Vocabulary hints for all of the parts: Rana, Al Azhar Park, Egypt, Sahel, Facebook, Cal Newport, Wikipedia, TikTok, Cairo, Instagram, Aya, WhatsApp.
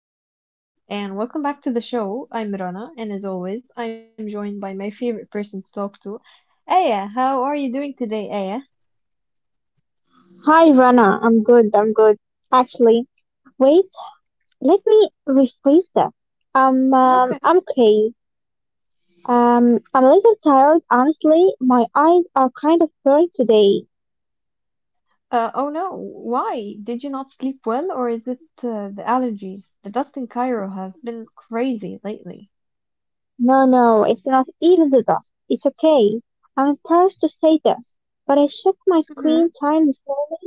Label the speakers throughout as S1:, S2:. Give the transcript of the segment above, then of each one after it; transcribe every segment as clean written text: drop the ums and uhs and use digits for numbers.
S1: hi everyone, and welcome back to the show. I'm Rana, and as always, I'm joined by my favorite person to talk to, Aya. How are you doing today, Aya?
S2: Hi, Rana. I'm good. I'm good. Actually, wait. Let me rephrase that. i um,
S1: Okay.
S2: I'm okay. Um, I'm a little tired. Honestly, my eyes are kind of blurry today.
S1: Oh no, why? Did you not sleep well, or is it the allergies? The dust in Cairo has been crazy lately.
S2: No, no, it's not even the dust. It's okay. I'm embarrassed to say this, but I checked my
S1: Mm-hmm.
S2: screen time this morning.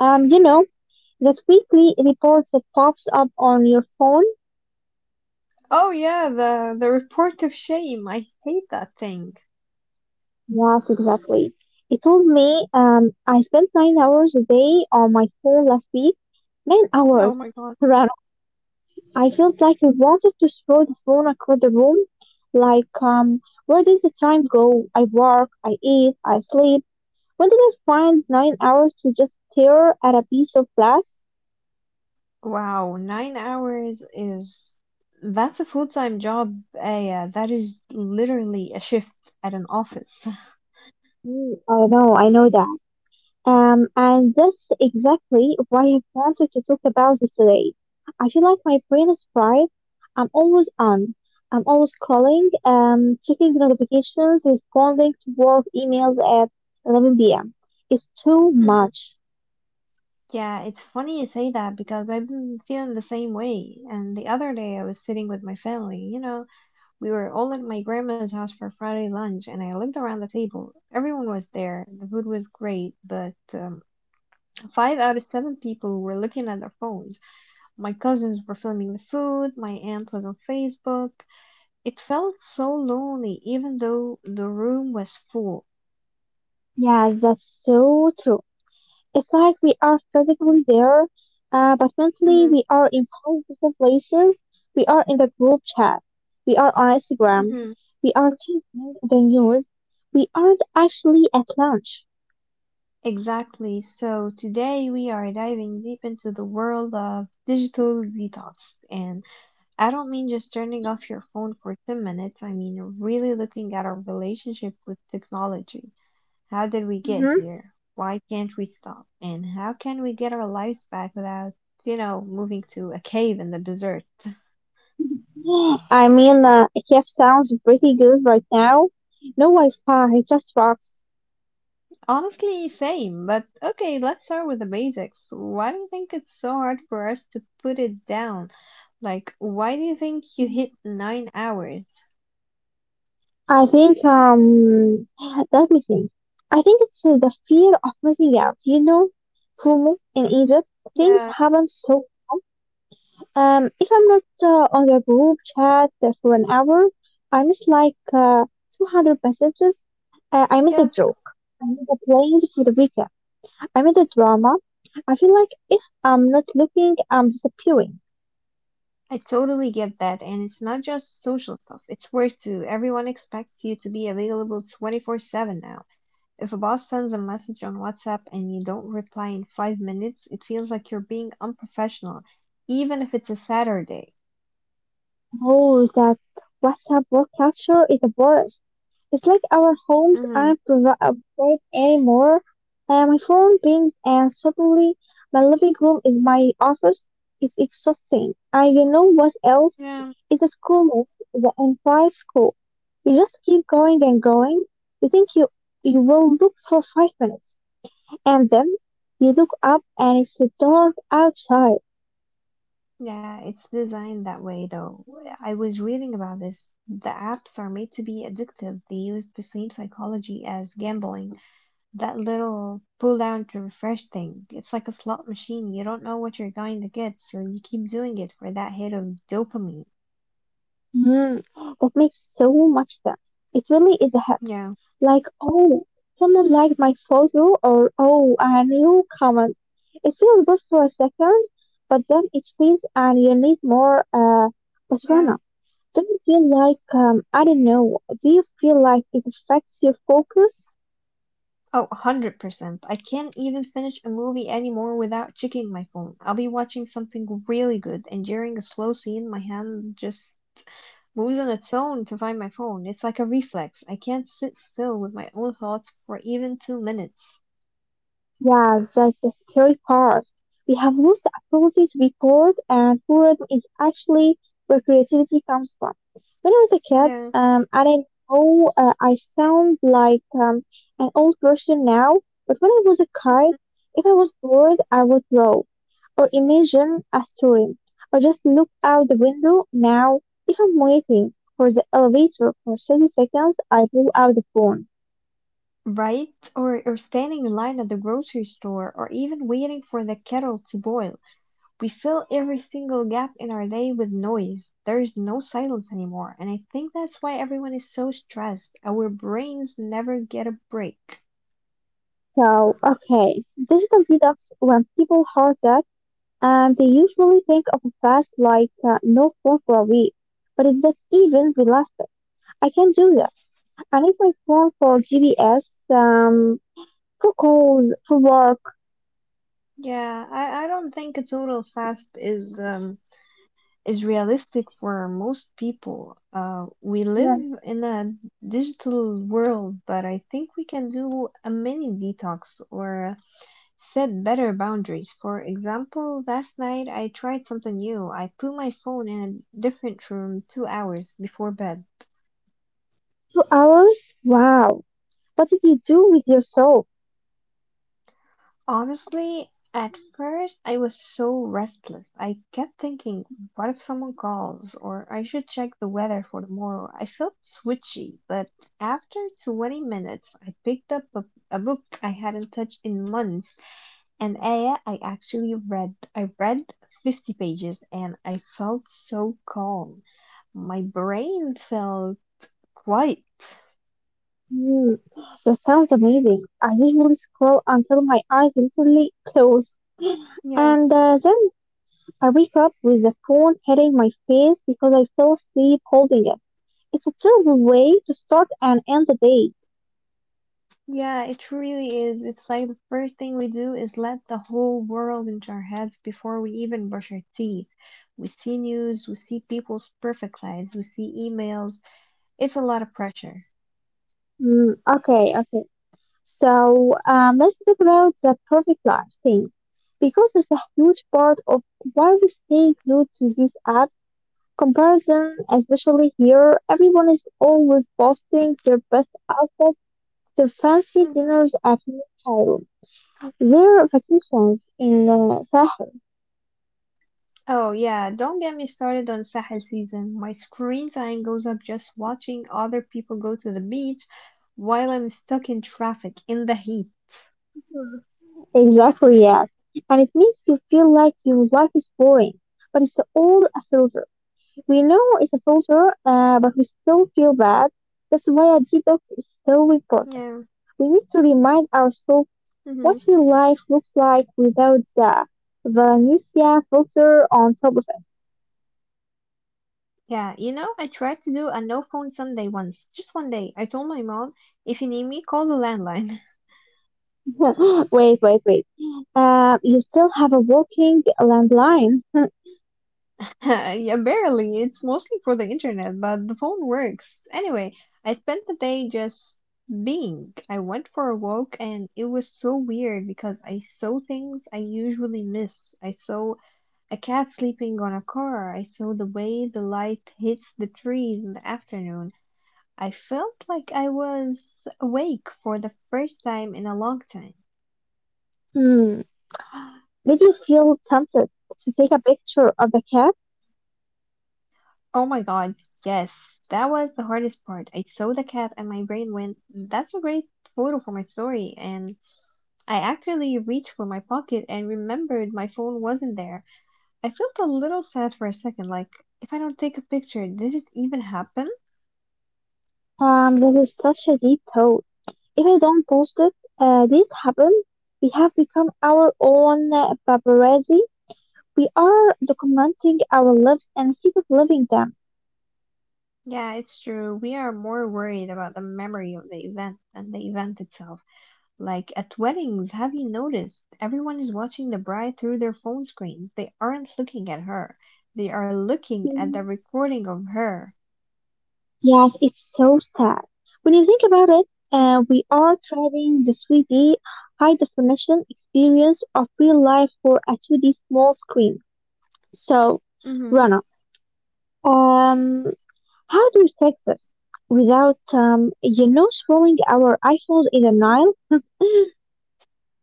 S2: You know that weekly report that pops up on your phone?
S1: Oh yeah, the report of shame. I hate that thing.
S2: Yes, exactly. He told me I spent 9 hours a day on my phone last week. Nine
S1: Oh my
S2: hours,
S1: god.
S2: Rana. I felt like I wanted to throw the phone across the room. Like, where did the time go? I work, I eat, I sleep. When did I find 9 hours to just stare at a piece of glass?
S1: Wow, 9 hours is that's a full-time job, Aya. That is literally a shift at an office.
S2: Mm, I know that. And that's exactly why I wanted to talk about this today. I feel like my brain is fried. I'm always on. I'm always calling, checking notifications, responding to work emails at 11 p.m. It's too
S1: Mhm.
S2: much.
S1: Yeah, it's funny you say that because I've been feeling the same way. And the other day I was sitting with my family, you know, we were all at my grandma's house for Friday lunch, and I looked around the table. Everyone was there. The food was great, but five out of seven people were looking at their phones. My cousins were filming the food. My aunt was on Facebook. It felt so lonely, even though the room was full.
S2: Yeah, that's so true. It's like we are physically there, but mentally
S1: Hmm
S2: we are in five different places. We are in the group chat. We are on Instagram.
S1: hmm
S2: We are checking the news. We aren't actually at lunch.
S1: Exactly. So today we are diving deep into the world of digital detox, and I don't mean just turning off your phone for 10 minutes. I mean really looking at our relationship with technology. How did we get
S2: hmm
S1: here? Why can't we stop? And how can we get our lives back without, moving to a cave in the desert?
S2: I mean, ETF sounds pretty good right now. No Wi-Fi, just rocks.
S1: Honestly, same, but okay, let's start with the basics. Why do you think it's so hard for us to put it down? Like, why do you think you hit 9 hours?
S2: I think, let me think. I think it's the fear of missing out, you know? FOMO in Egypt, things
S1: Yeah.
S2: happen so. If I'm not on the group chat for an hour, I miss like 200 messages. I miss a
S1: Yes.
S2: joke. I miss a plans for the weekend. I miss a drama. I feel like if I'm not looking, I'm disappearing.
S1: I totally get that, and it's not just social stuff, it's work too. Everyone expects you to be available 24/7 now. If a boss sends a message on WhatsApp and you don't reply in 5 minutes, it feels like you're being unprofessional, even if it's a Saturday.
S2: Oh, that WhatsApp work culture is the worst. It's like our homes
S1: Hmm
S2: aren't private anymore. My phone pings and suddenly my living room is my office. It's exhausting. And you know what else?
S1: Yeah.
S2: It's a school mess, the entire school. You just keep going and going. You think you will look for 5 minutes. And then you look up and it's dark outside.
S1: Yeah, it's designed that way though. I was reading about this. The apps are made to be addictive. They use the same psychology as gambling. That little pull down to refresh thing. It's like a slot machine. You don't know what you're going to get, so you keep doing it for that hit of dopamine.
S2: Hmm, that makes so much sense. It really is a.
S1: Yeah,
S2: Like, oh, someone liked my photo, or oh, a new comment. It feels good for a second, but then it feels and you need more. But
S1: yeah.
S2: Rana, do you feel like, I don't know, do you feel like it affects your focus?
S1: Oh, 100%. I can't even finish a movie anymore without checking my phone. I'll be watching something really good, and during a slow scene, my hand just moves on its own to find my phone. It's like a reflex. I can't sit still with my own thoughts for even 2 minutes.
S2: Yeah, that's the scary part. We have lost the ability to be bored, and boredom is actually where creativity comes from. When I was a kid,
S1: Yeah.
S2: I didn't know I sound like an old person now, but when I was a kid, if I was bored, I would draw or imagine a story or just look out the window. Now, if I'm waiting for the elevator for 30 seconds, I pull out the phone.
S1: Right? Or standing in line at the grocery store, or even waiting for the kettle to boil. We fill every single gap in our day with noise. There is no silence anymore, and I think that's why everyone is so stressed. Our brains never get a break.
S2: So, okay, digital detox, when people hear that, they usually think of a fast like no phone for a week. But is that even realistic? I can do that. I need my phone for GPS, for calls, for work.
S1: Yeah, I don't think a total fast is realistic for most people. We live
S2: Yeah.
S1: in a digital world, but I think we can do a mini detox or set better boundaries. For example, last night I tried something new. I put my phone in a different room 2 hours before bed.
S2: 2 hours? Wow. What did you do with yourself?
S1: Honestly, at first I was so restless. I kept thinking, what if someone calls? Or I should check the weather for tomorrow. I felt switchy, but after 20 minutes, I picked up a book I hadn't touched in months. And ayah, I actually read. I read 50 pages and I felt so calm. My brain felt quite.
S2: Hmm. That sounds amazing. I usually scroll until my eyes literally close.
S1: Yeah,
S2: And then I wake up with the phone hitting my face because I fell asleep holding it. It's a terrible way to start and end the day.
S1: yeah, it really is. It's like the first thing we do is let the whole world into our heads before we even brush our teeth. We see news, we see people's perfect lives, we see emails. It's a lot of pressure.
S2: Mm, okay, okay. So let's talk about the perfect life thing because it's a huge part of why we stay glued to these apps. Comparison, especially here, everyone is always posting their best outfit, their fancy
S1: Hmm
S2: dinners at noon time, their vacations in Sahel.
S1: Oh, yeah, don't get me started on Sahel season. My screen time goes up just watching other people go to the beach while I'm stuck in traffic in the heat.
S2: Exactly, yes. And it makes you feel like your life is boring. But it's all a filter. We know it's a filter, but we still feel bad. That's why a detox
S1: Yeah.
S2: is so important. We need to remind
S1: hmm
S2: ourselves what real life looks like without the Valencia filter on top of
S1: Yeah, you know, I tried to do a no phone Sunday once. Just one day. I told my mom, if you need me, call the landline.
S2: it. Wait, wait, wait. You still have a working landline.
S1: Yeah, barely. It's mostly for the internet, but the phone works. Anyway, I spent the day just being. I went for a walk and it was so weird because I saw things I usually miss. I saw a cat sleeping on a car. I saw the way the light hits the trees in the afternoon. I felt like I was awake for the first time in a long time.
S2: Hmm. Did you feel tempted to take a picture of the cat?
S1: Oh my god, yes, that was the hardest part. I saw the cat and my brain went, that's a great photo for my story. And I actually reached for my pocket and remembered my phone wasn't there. I felt a little sad for a second, like, if I don't take a picture, did it even happen?
S2: This is such a deep thought. If we don't post it, this happen, we have become our own paparazzi. We are documenting our lives instead of living them.
S1: Yeah, it's true. We are more worried about the memory of the event than the event itself. Like at weddings, have you noticed everyone is watching the bride through their phone screens? They aren't looking at her. They are looking at the
S2: Mm.
S1: recording of her.
S2: Yes, it's so sad. When you think about it,
S1: Hmm
S2: we are trading the 3D high definition experience of real life for a 2D small screen. So,
S1: hmm
S2: Rana, um, how do we fix this without, throwing our iPhones in the Nile?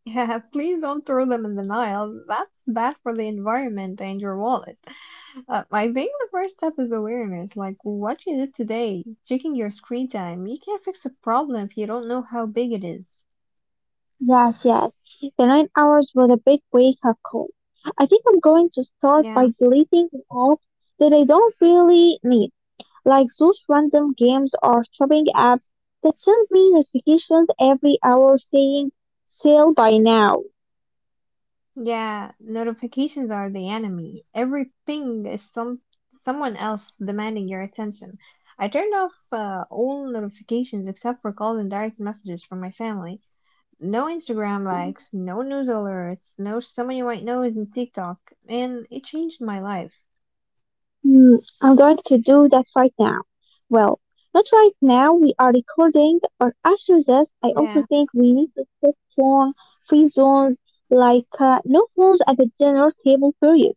S1: Yeah, please don't throw them in the Nile. That's bad for the environment and your wallet. I think the first step is awareness, like what you did today, checking your screen time. You can't fix a problem if you don't know how big it is.
S2: Yes, yes. The 9 hours was a big wake up call. I think I'm going to start
S1: Yeah.
S2: by deleting the apps that I don't really need, like those random games or shopping apps that send me notifications every hour saying sale by now.
S1: Yeah, notifications are the enemy. Every ping is someone else demanding your attention. I turned off all notifications except for calls and direct messages from my family. No Instagram likes, no news alerts, no someone you might know is in TikTok, and it changed my life.
S2: Hmm, I'm going to do that right now. Well, not right now, we are recording, but after this, I also
S1: Yeah.
S2: think we need to set phone free zones like no phones at the dinner table period.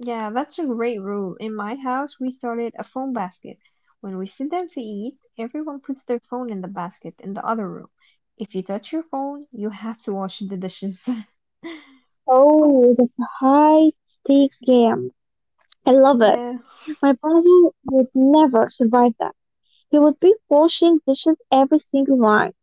S1: Yeah, that's a great rule. In my house, we started a phone basket. When we sit down to eat, everyone puts their phone in the basket in the other room. If you touch your phone, you have to wash the dishes.
S2: Oh, it's a high stakes game. I love it.
S1: Yeah.
S2: My brother would never survive that. He would be washing dishes every single night.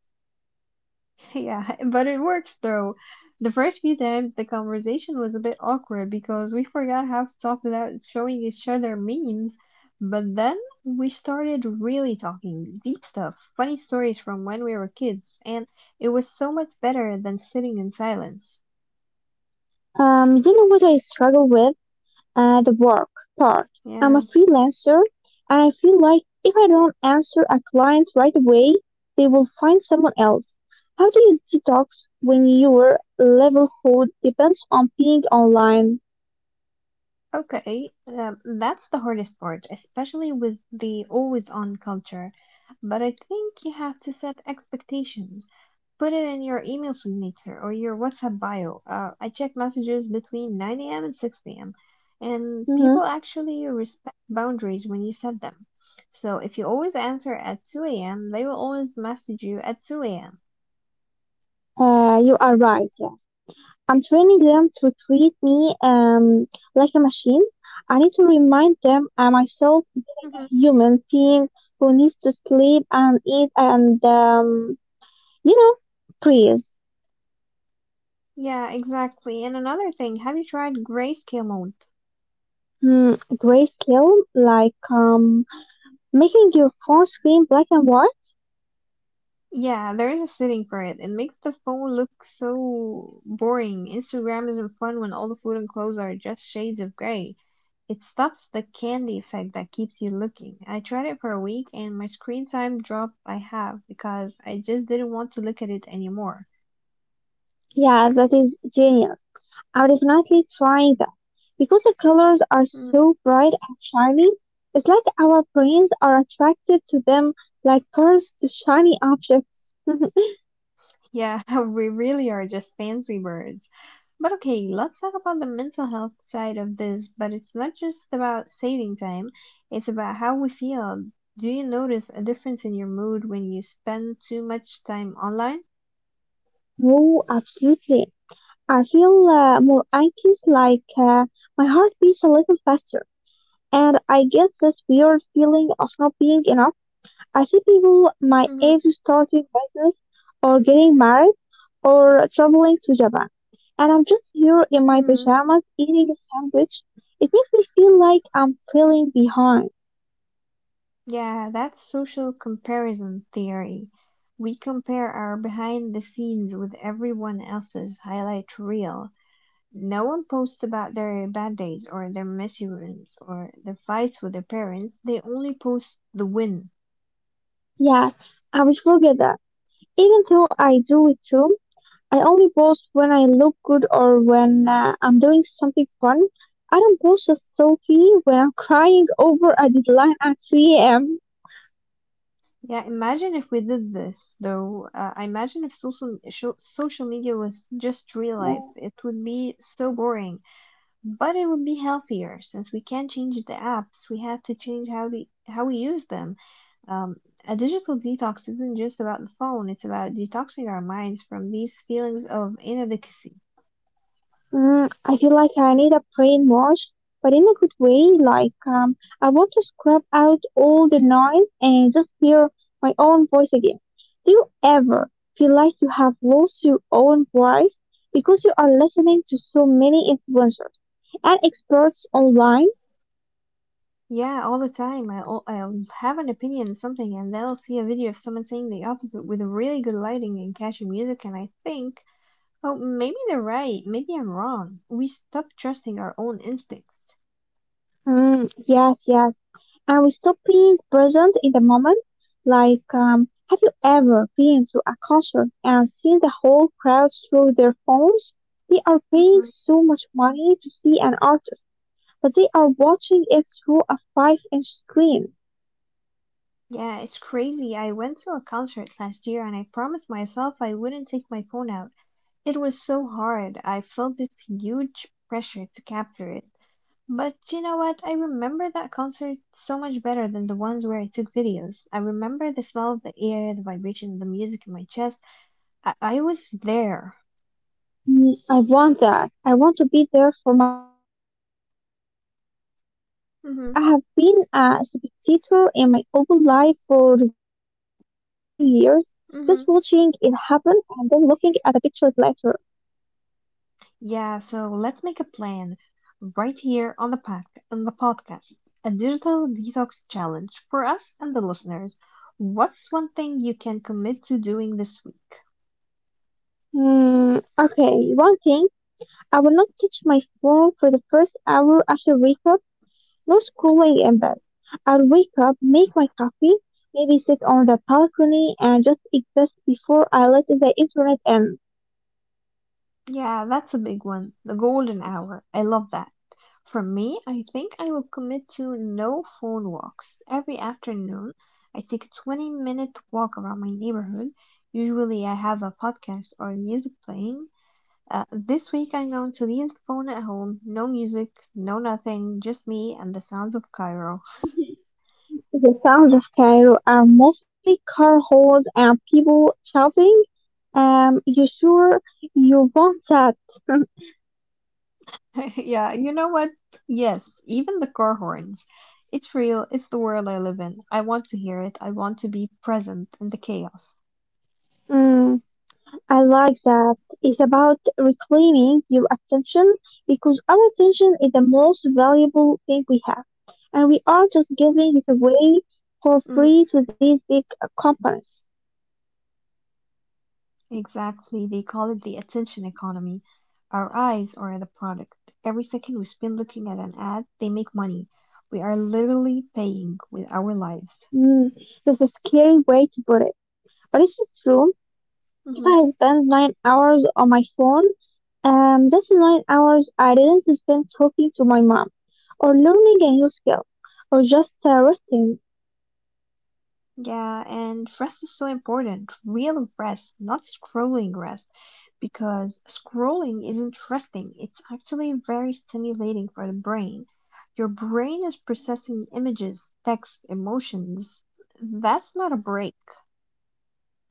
S1: Yeah, but it works though. The first few times the conversation was a bit awkward because we forgot how to talk without showing each other memes, but then we started really talking deep stuff, funny stories from when we were kids, and it was so much better than sitting in silence.
S2: You know what I struggle with? The work
S1: Yeah,
S2: part. I'm a freelancer and I feel like if I don't answer a client right away, they will find someone else. How do you detox when your level hood depends on being online?
S1: okay, that's the hardest part, especially with the always on culture, but I think you have to set expectations. Put it in your email signature or your WhatsApp bio. I check messages between 9 a.m. and 6 p.m. And people
S2: Mhm.
S1: actually respect boundaries when you set them. So if you always answer at 2 a.m., they will always message you at 2 a.m.
S2: You are right. I'm training them to treat me like a machine. I need to remind them I'm
S1: hmm
S2: myself am a human being who needs to sleep and eat and, you know, breathe.
S1: Yeah, exactly. And another thing, have you tried grayscale mode?
S2: Hmm, great skill, like making your phone screen black and white.
S1: Yeah, there is a setting for it. It makes the phone look so boring. Instagram isn't fun when all the food and clothes are just shades of gray. It stops the candy effect that keeps you looking. I tried it for a week and my screen time dropped by half because I just didn't want to look at it anymore.
S2: Yeah, that is genius. I'm definitely trying that. Because the colors are
S1: Mm,
S2: so bright and shiny, it's like our brains are attracted to them like cars to shiny objects.
S1: yeah, we really are just fancy birds. But okay, let's talk about the mental health side of this, but it's not just about saving time, it's about how we feel. Do you notice a difference in your mood when you spend too much time online?
S2: Oh, absolutely. I feel more anxious, like my heart beats a little faster, and I get this weird feeling of not being enough. I see people my age starting business or getting married or traveling to Japan, and I'm just here in my
S1: Hmm
S2: pajamas eating a sandwich. It makes me feel like I'm feeling behind.
S1: Yeah, that's social comparison theory. We compare our behind the scenes with everyone else's highlight reel. No one posts about their bad days or their mishaps or the fights with their parents. They only post the win.
S2: Yeah, I will forget that, even though I do it too. I only post when I look good or when I'm doing something fun. I don't post a selfie when I'm crying over a deadline at 3 a.m.
S1: Yeah, imagine if we did this, though. I imagine if social media was just real life, it would be so boring. But it would be healthier since we can't change the apps. We have to change how we use them. Um, a digital detox isn't just about the phone. It's about detoxing our minds from these feelings of inadequacy.
S2: Mm, I feel like I need a brain wash, but in a good way. Like, I want to scrub out all the noise and just hear my own voice again. Do you ever feel like you have lost your own voice because you are listening to so many influencers and experts online?
S1: Yeah, all the time. I'll have an opinion on something, and then I'll see a video of someone saying the opposite with really good lighting and catchy music, and I think, oh, maybe they're right. Maybe I'm wrong. We stop trusting our own instincts.
S2: Mm, yes, yes. And we stop being present in the moment. Like, have you ever been to a concert and seen the whole crowd through their phones? They are paying
S1: Hmm
S2: so much money to see an artist, but they are watching it through a 5-inch screen.
S1: Yeah, it's crazy. I went to a concert last year and I promised myself I wouldn't take my phone out. It was so hard. I felt this huge pressure to capture it. But you know what? I remember that concert so much better than the ones where I took videos. I remember the smell of the air, the vibration, the music in my chest. I was there.
S2: Mm, I want that. I want to be there for my own life. I feel like I have been a
S1: Hmm
S2: spectator in my own life for the last few years, just watching it happen
S1: hmm
S2: and then looking at the pictures later.
S1: Yeah, so let's make a plan right here on the pod on the podcast. A digital detox challenge for us and the listeners. What's one thing you can commit to doing this week?
S2: Hmm, okay, one thing, I will not touch my phone for the first hour after wake up, no scrolling in bed. I'll wake up, make my coffee, maybe sit on the balcony and just exist before I let the internet in.
S1: Yeah, that's a big one. The golden hour. I love that. For me, I think I will commit to no phone walks. Every afternoon, I take a 20-minute walk around my neighborhood. Usually, I have a podcast or music playing. This week I'm going to leave the phone at home. No music, no nothing, just me and the sounds of Cairo.
S2: The sounds of Cairo are mostly car horns and people shouting. You sure you want that?
S1: Yeah, you know what? Yes, even the car horns. It's real, it's the world I live in. I want to hear it, I want to be present in the chaos.
S2: Mm, I like that. It's about reclaiming your attention because our attention is the most valuable thing we have, and we are just giving it
S1: Hmm.
S2: away for free to these big companies.
S1: Exactly, they call it the attention economy. Our eyes are the product. Every second we spend looking at an ad, they make money. We are literally paying with our lives.
S2: Mm, that's a scary way to put it, but it's true.
S1: Mhm.
S2: If I spend 9 hours on my phone, that's 9 hours I didn't spend talking to my mom, or learning a new skill, or just resting.
S1: Yeah, and rest is so important. Real rest, not scrolling rest. Because scrolling isn't resting, it's actually very stimulating for the brain. Your brain is processing images, text, emotions. That's not a break.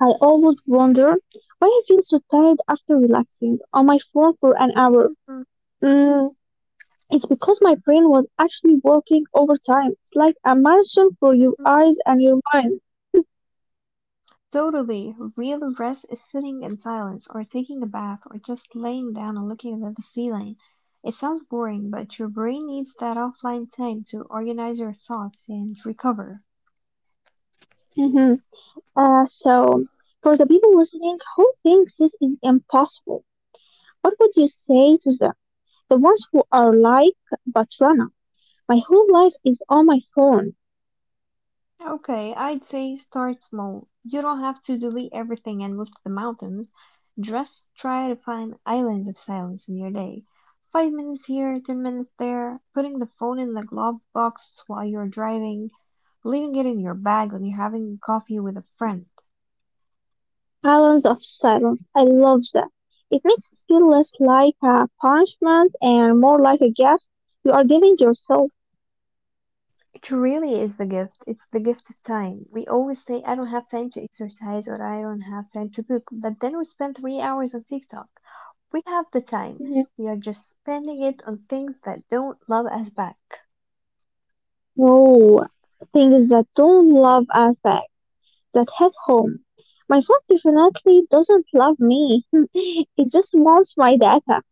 S2: I always wonder why I feel so tired after relaxing on my phone for an hour.
S1: Mhm.
S2: Mm, it's because my brain was actually working overtime. It's like a marathon for your
S1: Mhm.
S2: eyes and your mind.
S1: Totally. Real rest is sitting in silence, or taking a bath, or just laying down and looking at the ceiling. It sounds boring, but your brain needs that offline time to organize your thoughts and recover.
S2: hmm so, for the people listening who thinks this is impossible, what would you say to them? The ones who are like Batrana, my whole life is on my phone.
S1: Okay, I'd say start small. You don't have to delete everything and move to the mountains. Just try to find islands of silence in your day. 5 minutes here, 10 minutes there, putting the phone in the glove box while you're driving, leaving it in your bag when you're having coffee with a friend.
S2: Islands of Silence, I love that. It makes it feel less like a punishment and more like a gift you are giving yourself.
S1: It really is the gift. It's the gift of time. We always say, I don't have time to exercise or I don't have time to cook, but then we spend 3 hours on TikTok. We have the time.
S2: Mhm.
S1: We are just spending it on things that don't love us back.
S2: No, things that don't love us back, that hit home. My phone definitely doesn't love me. It just wants my data.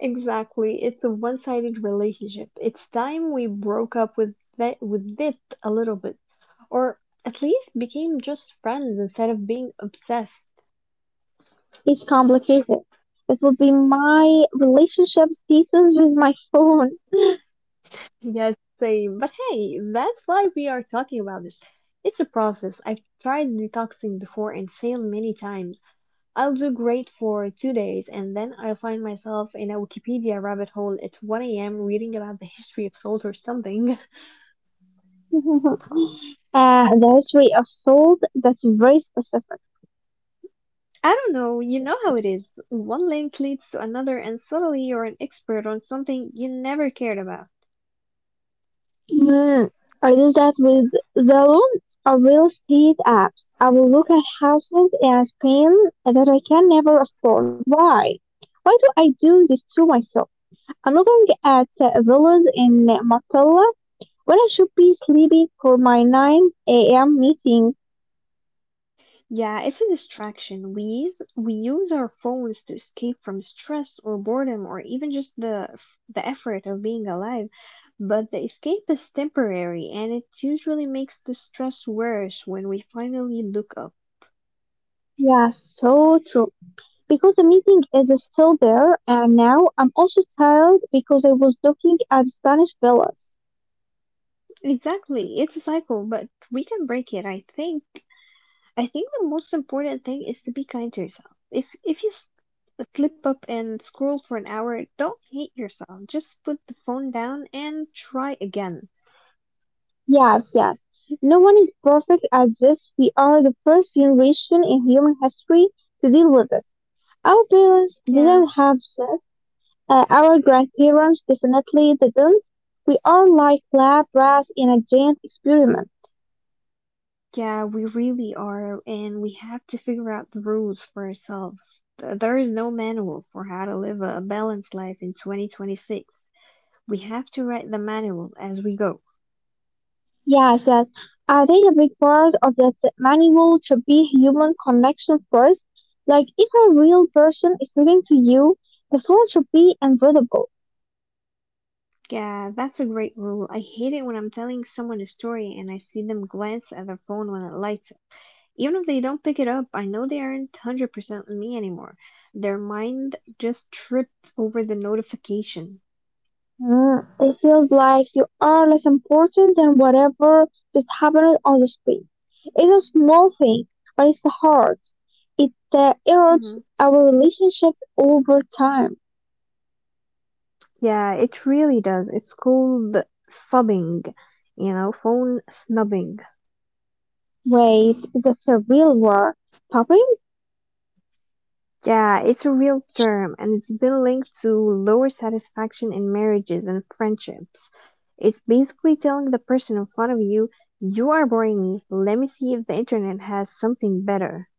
S1: Exactly. It's a one-sided relationship. It's time we broke up with that with it a little bit, or at least became just friends instead of being obsessed.
S2: It's complicated. It would be my relationship status with my phone.
S1: Yes, same. But hey, that's why we are talking about this. It's a process. I've tried detoxing before and failed many times. I'll do great for 2 days and then I'll find myself in a Wikipedia rabbit hole at 1 a.m. reading about the history of salt or something.
S2: That's way of sold. That's very specific.
S1: I don't know, you know how it is. One link leads to another, and suddenly you're an expert on something you never cared about.
S2: Mm, I do that with Zillow, a real estate app. I will look at houses in Spain that I can never afford. Why? Why do I do this to myself? I'm looking at villas in Marbella when I should be sleeping for my 9 a.m. meeting.
S1: Yeah, it's a distraction. We use our phones to escape from stress or boredom or even just the effort of being alive. But the escape is temporary and it usually makes the stress worse when we finally look up.
S2: Yeah, so true. Because the meeting is still there, and now I'm also tired because I was looking at Spanish villas.
S1: Exactly. It's a cycle, but we can break it. I think the most important thing is to be kind to yourself. If you slip up and scroll for an hour, don't hate yourself. Just put the phone down and try again.
S2: Yes, yes. No one is perfect at this. We are the first generation in human history to deal with this. Our parents
S1: Yeah.
S2: didn't have this. Our grandparents definitely didn't. We are like lab rats in a giant experiment.
S1: Yeah, we really are, and we have to figure out the rules for ourselves. There is no manual for how to live a balanced life in 2026. We have to write the manual as we go.
S2: Yes, yes. I think a big part of that manual should be human connection first. Like if a real person is talking to you, the phone should be invisible.
S1: Yeah, that's a great rule. I hate it when I'm telling someone a story and I see them glance at their phone when it lights up. Even if they don't pick it up, I know they aren't 100% me anymore. Their mind just tripped over the notification.
S2: Mm, it feels like you are less important than whatever just happened on the street. It's a small thing, but it's hard. It erodes
S1: Mhm.
S2: our relationships over time.
S1: Yeah, it really does. It's called fubbing, you know, phone snubbing.
S2: Wait, is that a real word? Popping?
S1: Yeah, it's a real term and it's been linked to lower satisfaction in marriages and friendships. It's basically telling the person in front of you, you are boring me, let me see if the internet has something better.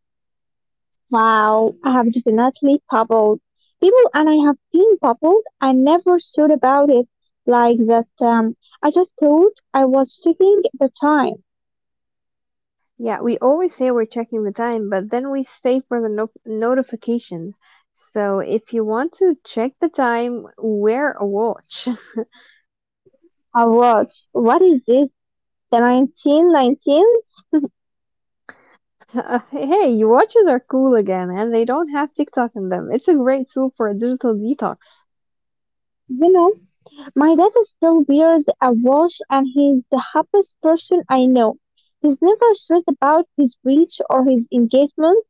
S2: Wow, I have definitely bubbled. People and I have been bubbled. I never thought about it like that. I just thought I was taking the time.
S1: Yeah, we always say we're checking the time, but then we stay for the notifications. So if you want to check the time, wear a watch.
S2: I was. What is this? The 1919?
S1: Hey, your watches are cool again, and they don't have TikTok in them. It's a great tool for a digital detox.
S2: You know, my dad still wears a watch and he's the happiest person I know. He's never stressed about his reach or his engagement.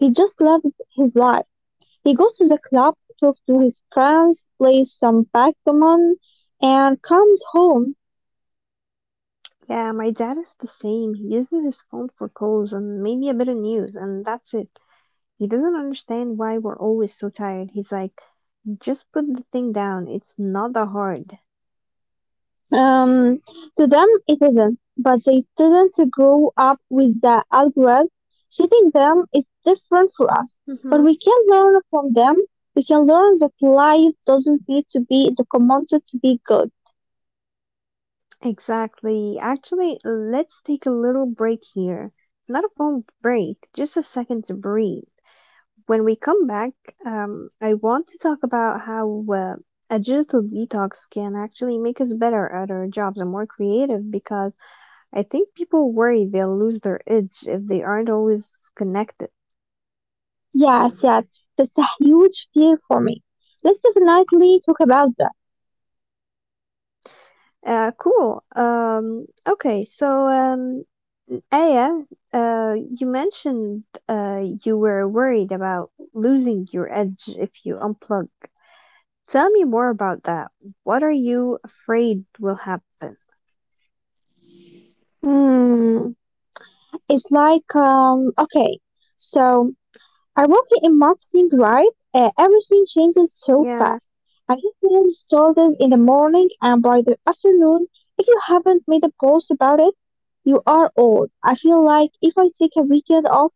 S2: He just loves his life. He goes to the club, talks to his friends, plays some backgammon, and comes home.
S1: Yeah, my dad is the same. He uses his phone for calls and maybe a bit of news, and that's it. He doesn't understand why we're always so tired. He's like, just put the thing down. It's not that hard.
S2: Um, to them, it isn't, but they didn't grow up with the algorithm. Treating them is different for us, but
S1: Hmm.
S2: we can learn from them. We can learn that life doesn't need to be documented to be good.
S1: Exactly. Actually, let's take a little break here. Not a phone break, just a second to breathe. When we come back, I want to talk about how a digital detox can actually make us better at our jobs and more creative because I think people worry they'll lose their edge if they aren't always connected.
S2: Yes, yes, that's a huge fear for me. Let's definitely talk about that.
S1: Cool. Okay, so, Aya, you mentioned you were worried about losing your edge if you unplug. Tell me more about that. What are you afraid will happen?
S2: Hmm, it's like, okay, so. I work in marketing, right? Everything changes so
S1: Yeah,
S2: fast. I get mails started in the morning, and by the afternoon, if you haven't made a post about it, you are old. I feel like if I take a weekend off,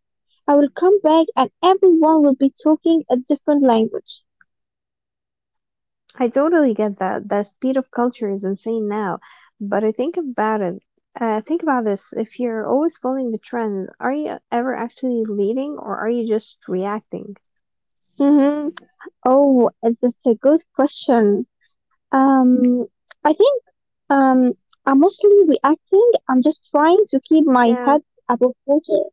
S2: I will come back and everyone will be talking a different language.
S1: I totally get that. The speed of culture is insane now. But I think about it. Think about this. If you're always following the trends, are you ever actually leading or are you just reacting?
S2: hmm Oh, that's a good question. Um, I think um, I'm mostly reacting. I'm just trying to keep my
S1: Yeah,
S2: head above water.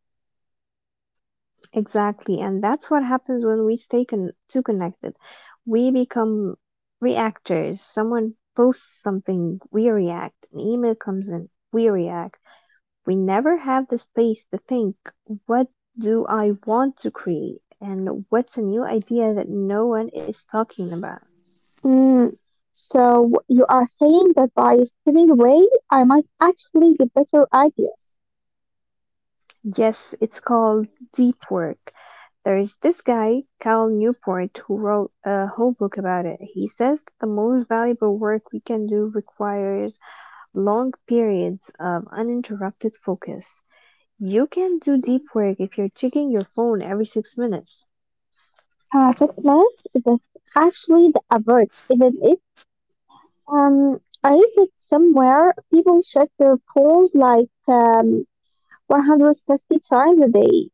S1: exactly. And that's what happens when we stay too connected. We become reactors. Someone posts something, we react. An email comes in, we react. We never have the space to think, what do I want to create? And what's a new idea that no one is talking about?
S2: Mm, so you are saying that by stepping away, I might actually get better ideas.
S1: Yes, it's called deep work. There's this guy, Cal Newport, who wrote a whole book about it. He says the most valuable work we can do requires long periods of uninterrupted focus. You can't do deep work if you're checking your phone every 6 minutes.
S2: Perfect math, that's actually the average, isn't it? I read it somewhere. People check their phones like 150 times a day.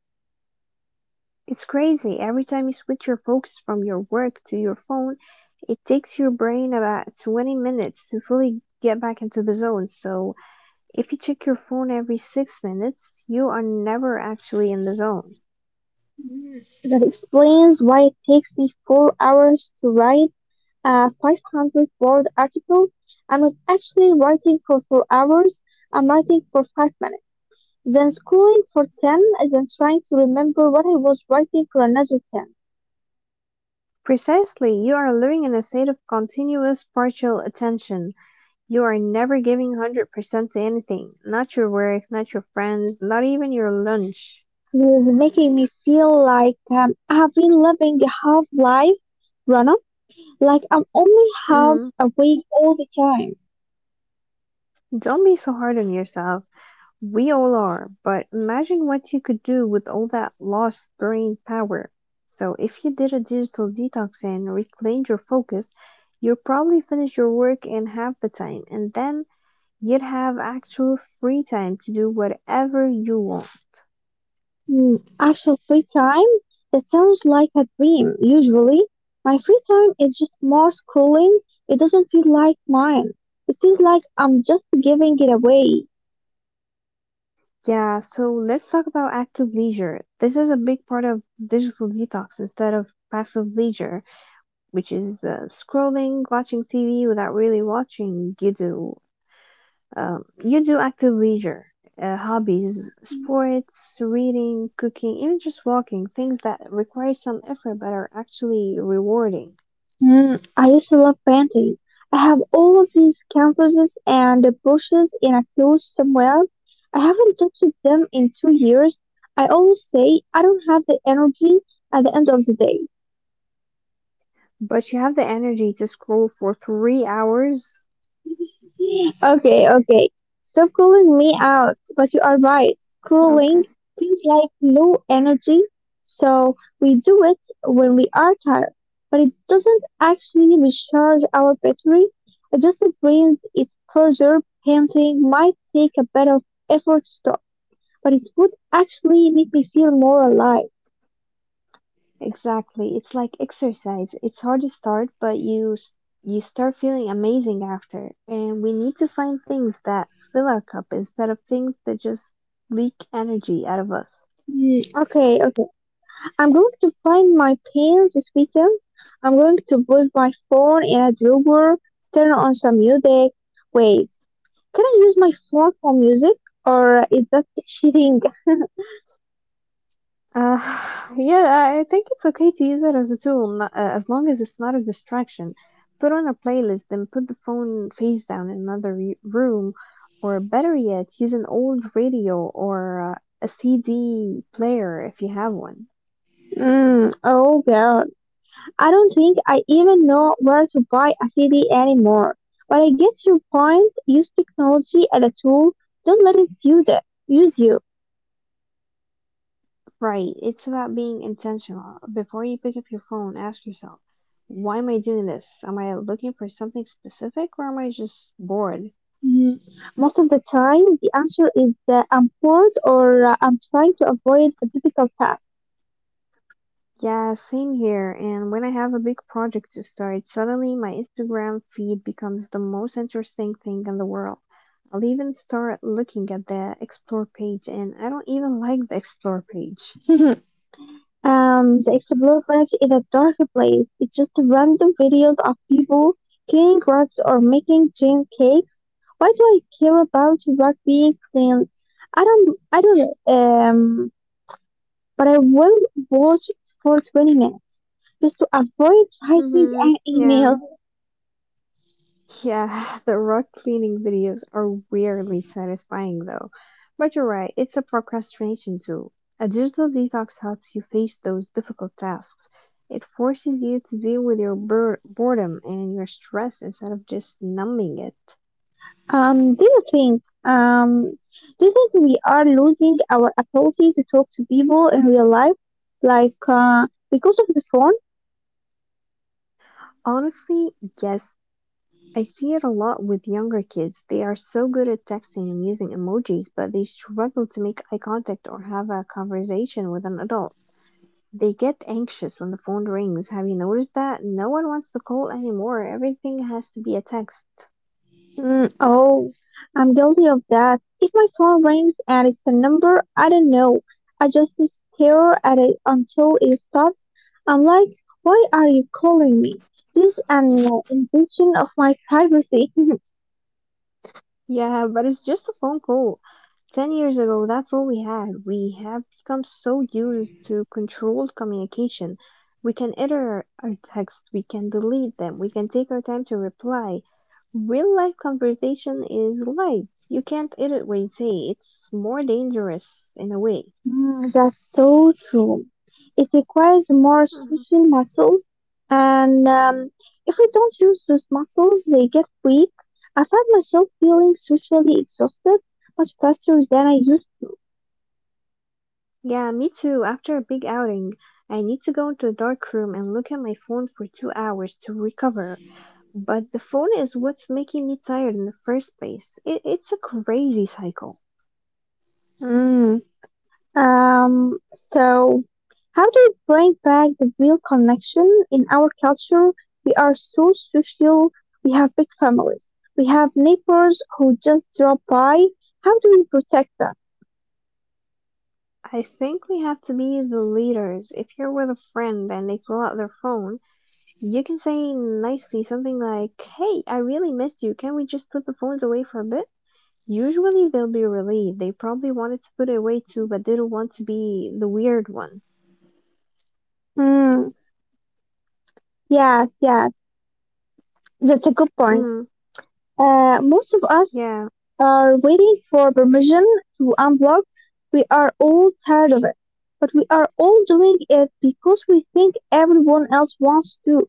S1: It's crazy, every time you switch your focus from your work to your phone, it takes your brain about 20 minutes to fully get back into the zone. So, if you check your phone every 6 minutes, you are never actually in the zone.
S2: Mm, that explains why it takes me 4 hours to write a 500 word article. I'm not actually writing for 4 hours. I'm writing for 5 minutes. Then scrolling for 10, then trying to remember what I was writing for another 10.
S1: Precisely, you are living in a state of continuous partial attention. You are never giving 100% to anything, not your work, not your friends, not even your lunch.
S2: It is making me feel like I have been living a half life, Rana, like I'm only half
S1: Mm,
S2: awake all the time.
S1: don't be so hard on yourself. We all are, but imagine what you could do with all that lost brain power. So if you did a digital detox and reclaimed your focus, you'd probably finish your work in half the time, and then you'd have actual free time to do whatever you want.
S2: Hmm, actual free time, that sounds like a dream, usually. My free time is just more scrolling. It doesn't feel like mine. It feels like I'm just giving it away.
S1: Yeah, so let's talk about active leisure. This is a big part of digital detox instead of passive leisure, which is scrolling, watching TV without really watching. You do active leisure, hobbies, sports, reading, cooking, even just walking, things that require some effort but are actually rewarding.
S2: Mm, I used to love painting. I have all these canvases and brushes in a closet somewhere. I haven't touched them in 2 years. I always say I don't have the energy at the end of the day.
S1: But you have the energy to scroll for 3 hours.
S2: Okay, okay. Stop calling me out, but you are right. Scrolling
S1: Okay.
S2: feels like low energy, so we do it when we are tired, but it doesn't actually recharge our battery. It just brings it further. Painting might take a bit of effort to stop, but it would actually make me feel more alive.
S1: Exactly. It's like exercise. It's hard to start, but you start feeling amazing after. And we need to find things that fill our cup instead of things that just leak energy out of us.
S2: Mm, okay, okay. I'm going to find my planes this weekend. I'm going to put my phone in a drawer, turn on some music. Wait, can I use my phone for music? Or is that cheating?
S1: Uh, yeah, I think it's okay to use it as a tool, not, as long as it's not a distraction. Put on a playlist, then put the phone face down in another room, or better yet, use an old radio or a CD player if you have one.
S2: Mm, oh god. I don't think I even know where to buy a CD anymore. But I get your point. Use technology as a tool. Don't let it. Use you.
S1: Right, it's about being intentional. Before you pick up your phone, ask yourself, why am I doing this? Am I looking for something specific or am I just bored?
S2: Mm, most of the time, the answer is that I'm bored or I'm trying to avoid a difficult task.
S1: Yeah, same here. And when I have a big project to start, suddenly my Instagram feed becomes the most interesting thing in the world. I'll even start looking at the explore page, and I don't even like the explore page.
S2: The Explore page is a dark place. It's just random videos of people cleaning rugs or making gin cakes. Why do I care about rug being cleaned? I don't, but I will watch it for 20 minutes just to avoid writing
S1: Mm-hmm.
S2: an
S1: Yeah.
S2: email.
S1: Yeah, the rug cleaning videos are weirdly satisfying though. But you're right, it's a procrastination tool. A digital detox helps you face those difficult tasks. It forces you to deal with your boredom and your stress instead of just numbing it.
S2: Um, do you think, um, do you think we are losing our ability to talk to people in real life? Like, because of the phone?
S1: Honestly, yes, I see it a lot with younger kids. They are so good at texting and using emojis, but they struggle to make eye contact or have a conversation with an adult. They get anxious when the phone rings. Have you noticed that? No one wants to call anymore. Everything has to be a text.
S2: Mm, oh, I'm guilty of that. If my phone rings and it's a number I don't know, I just stare at it until it stops. I'm like, why are you calling me? This is an invasion of my privacy.
S1: Yeah, but it's just a phone call. 10 years ago, that's all we had. We have become so used to controlled communication. We can edit our text, we can delete them, we can take our time to reply. Real life conversation is live. You can't edit what you say. It's more dangerous in a way.
S2: Mm, that's so true. It requires more social muscles, and if we don't use those muscles, they get weak. I find myself feeling socially exhausted much faster than I used
S1: Yeah, me too. After a big outing, I need to go into a dark room and look at my phone for 2 hours to recover. But the phone is what's making me tired in the first place. It's a crazy cycle.
S2: to. Mm. Um, so, how do we bring back the real connection in our culture? We are so social. We have big families. We have neighbors who just drop by. How do we protect them?
S1: I think we have to be the leaders. If you're with a friend and they pull out their phone, you can say nicely something like, "Hey, I really missed you. Can we just put the phones away for a bit?" Usually they'll be relieved. They probably wanted to put it away too, but didn't want to be the weird one.
S2: Mm, yes, yes, that's a good point.
S1: Mm,
S2: Most of us
S1: yeah.
S2: are waiting for permission to unblock. We are all tired of it, but we are all doing it because we think everyone else wants to.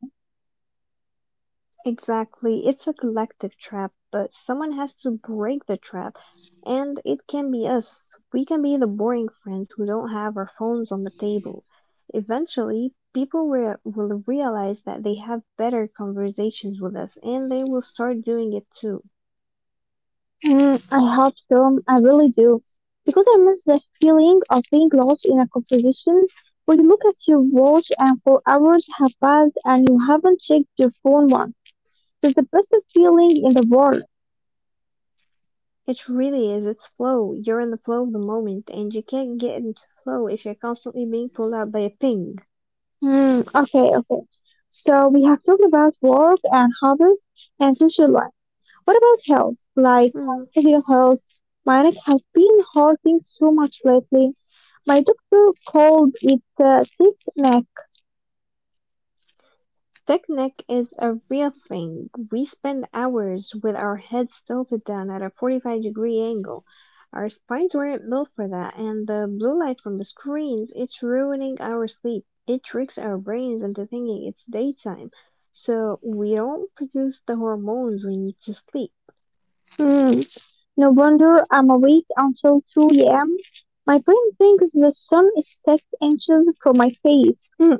S1: Exactly. It's a collective trap, but someone has to break the trap. And it can be us. We can be the boring friends who don't have our phones on the table. Eventually, people will realize that they have better conversations with us and they will start doing it too.
S2: Mm, I hope so. I really do. Because I miss that feeling of being lost in a composition where you look at your watch and 4 hours have passed and you haven't checked your phone once. It's the best feeling in the world.
S1: It really is. It's flow. You're in the flow of the moment, and you can't get into flow if you're constantly being pulled out by a ping.
S2: Hmm. Okay, okay. So we have talked about work and hobbies and social life. What about health? Like
S1: Hmm.
S2: physical health? Mine has been hurting so much lately. My doctor called it sick neck.
S1: Picnic is a real thing. We spend hours with our heads tilted down at a 45-degree angle. Our spines weren't built for that, and the blue light from the screens, it's ruining our sleep. It tricks our brains into thinking it's daytime, so we don't produce the hormones we need to sleep.
S2: No wonder I'm awake until 2 a.m. My brain thinks the sun is 6 inches from my face. Hmm.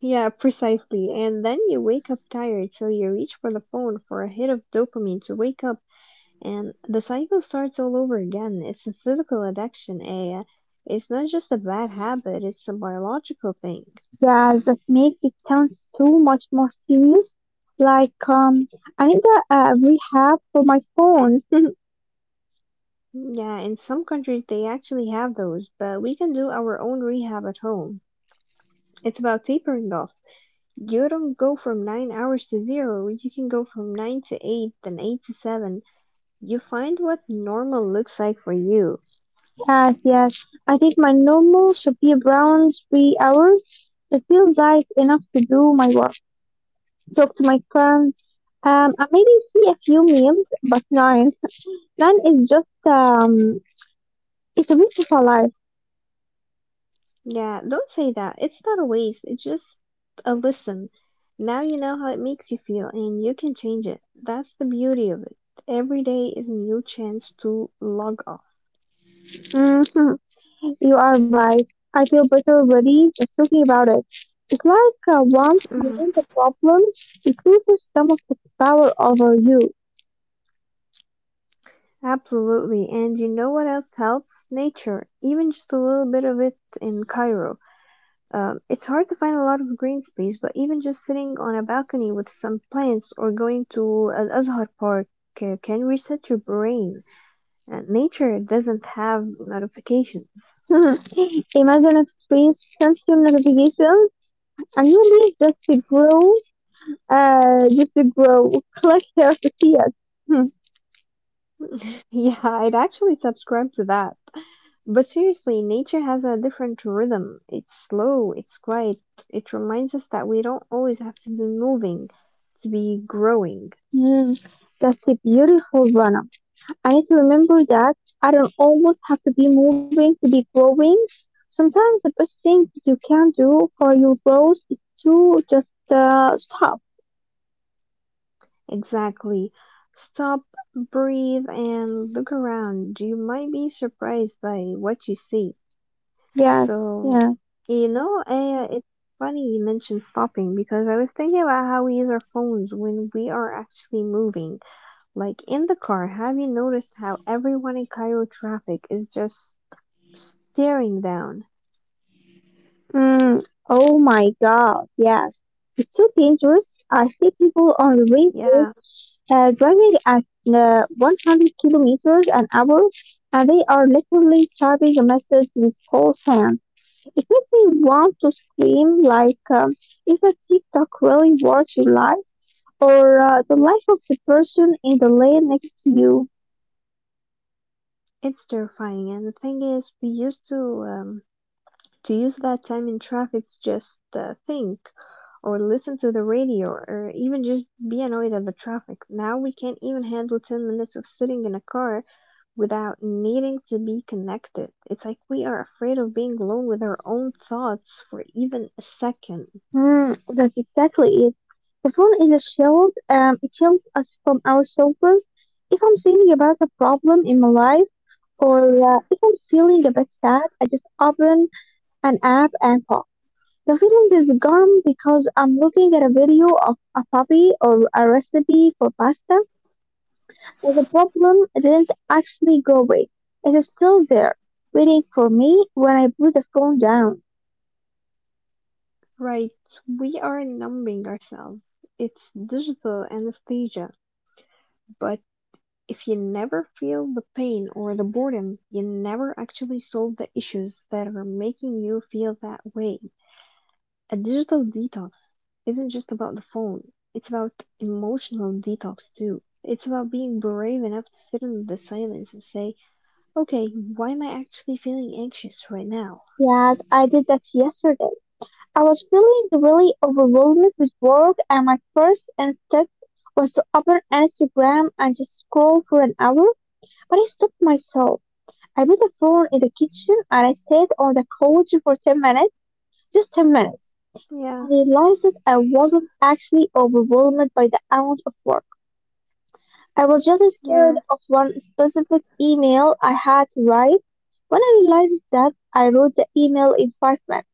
S1: Yeah, precisely. And then you wake up tired, so you reach for the phone for a hit of dopamine to wake up. And the cycle starts all over again. It's a physical addiction, Aya. It's not just a bad habit, it's a biological thing.
S2: Yeah, that makes it sound so much more serious. Like, I need a rehab for my phone.
S1: Yeah, in some countries they actually have those, but we can do our own rehab at home. It's about tapering off. You don't go from 9 hours to 0, you can go from 9 to 8, then 8 to 7. You find what normal looks like for you.
S2: Yes, yes. I think my normal should be around 3 hours. It feels like enough to do my work, talk to my friends, and maybe see a few memes. But nine. Nine is just, it's a beautiful life.
S1: Yeah, don't say that. It's not a waste. It's just a listen. Now you know how it makes you feel and you can change it. That's the beauty of it. Every day is a new chance to log off.
S2: Mhm. You are right. I feel better already just talking about it. It's like once you
S1: Mhm.
S2: name the problem, it loses some of its power over you.
S1: Absolutely. And you know what else helps? Nature. Even just a little bit of it in Cairo. It's hard to find a lot of green space, but even just sitting on a balcony with some plants or going to Al Azhar Park can reset your brain. And nature doesn't have notifications.
S2: Imagine if trees sensor notifications and you leave just to grow, uh, just to grow, click here to see it. Hmm.
S1: Yeah, I'd actually subscribe to that. But seriously, nature has a different rhythm. It's slow, it's quiet. It reminds us that we don't always have to be moving to be growing.
S2: Hmm. That's a beautiful runner. I need to remember that I don't always have to be moving to be growing. Sometimes the best thing you can do for your growth is to just stop.
S1: Exactly. Stop, breathe, and look around. You might be surprised by what you see.
S2: Yes,
S1: So,
S2: yes.
S1: it's funny you mentioned stopping because I was thinking about how we use our phones when we are actually moving. Like in the car, have you noticed how everyone in Cairo traffic is just staring down?
S2: Mm, oh my God, yes. It's so dangerous. I see people on the races
S1: Yeah,
S2: driving at 100 kilometers an hour and they are literally typing a message with both hands. It makes me want to scream like, is that TikTok really worth your life or the life of the person in the lane next to you?
S1: it's terrifying. And the thing is, we used um, to use that time in traffic to just think or listen to the radio or even just be annoyed at the traffic. Now we can't even handle 10 minutes of sitting in a car without needing to be connected. It's like we are afraid of being alone with our own thoughts for even a second.
S2: Hmm, that's exactly it. The phone is a shield, it shields us from ourselves. If I'm thinking about a problem in my life or if I'm feeling a bit sad, I just open an app and pop. The feeling is gone because I'm looking at a video of a puppy or a recipe for pasta. But the problem it didn't actually go away. It is still there, waiting for me when I put the phone down.
S1: Right, we are numbing ourselves. It's digital anesthesia, but if you never feel the pain or the boredom, you never actually solve the issues that are making you feel that way. A digital detox isn't just about the phone, it's about emotional detox too. It's about being brave enough to sit in the silence and say, okay, why am I actually feeling anxious right now?
S2: Yes, I did that yesterday. I was feeling really overwhelmed with work and my first instinct was to open Instagram and just scroll for an hour, but I stopped myself. I put the phone in the kitchen and I sat on the couch for 10 minutes, just 10 minutes. I
S1: Yeah,
S2: realized that I wasn't actually overwhelmed by the amount of work. I was just scared
S1: yeah,
S2: of one specific email I had to write. When I realized that, I wrote the email in 5 minutes,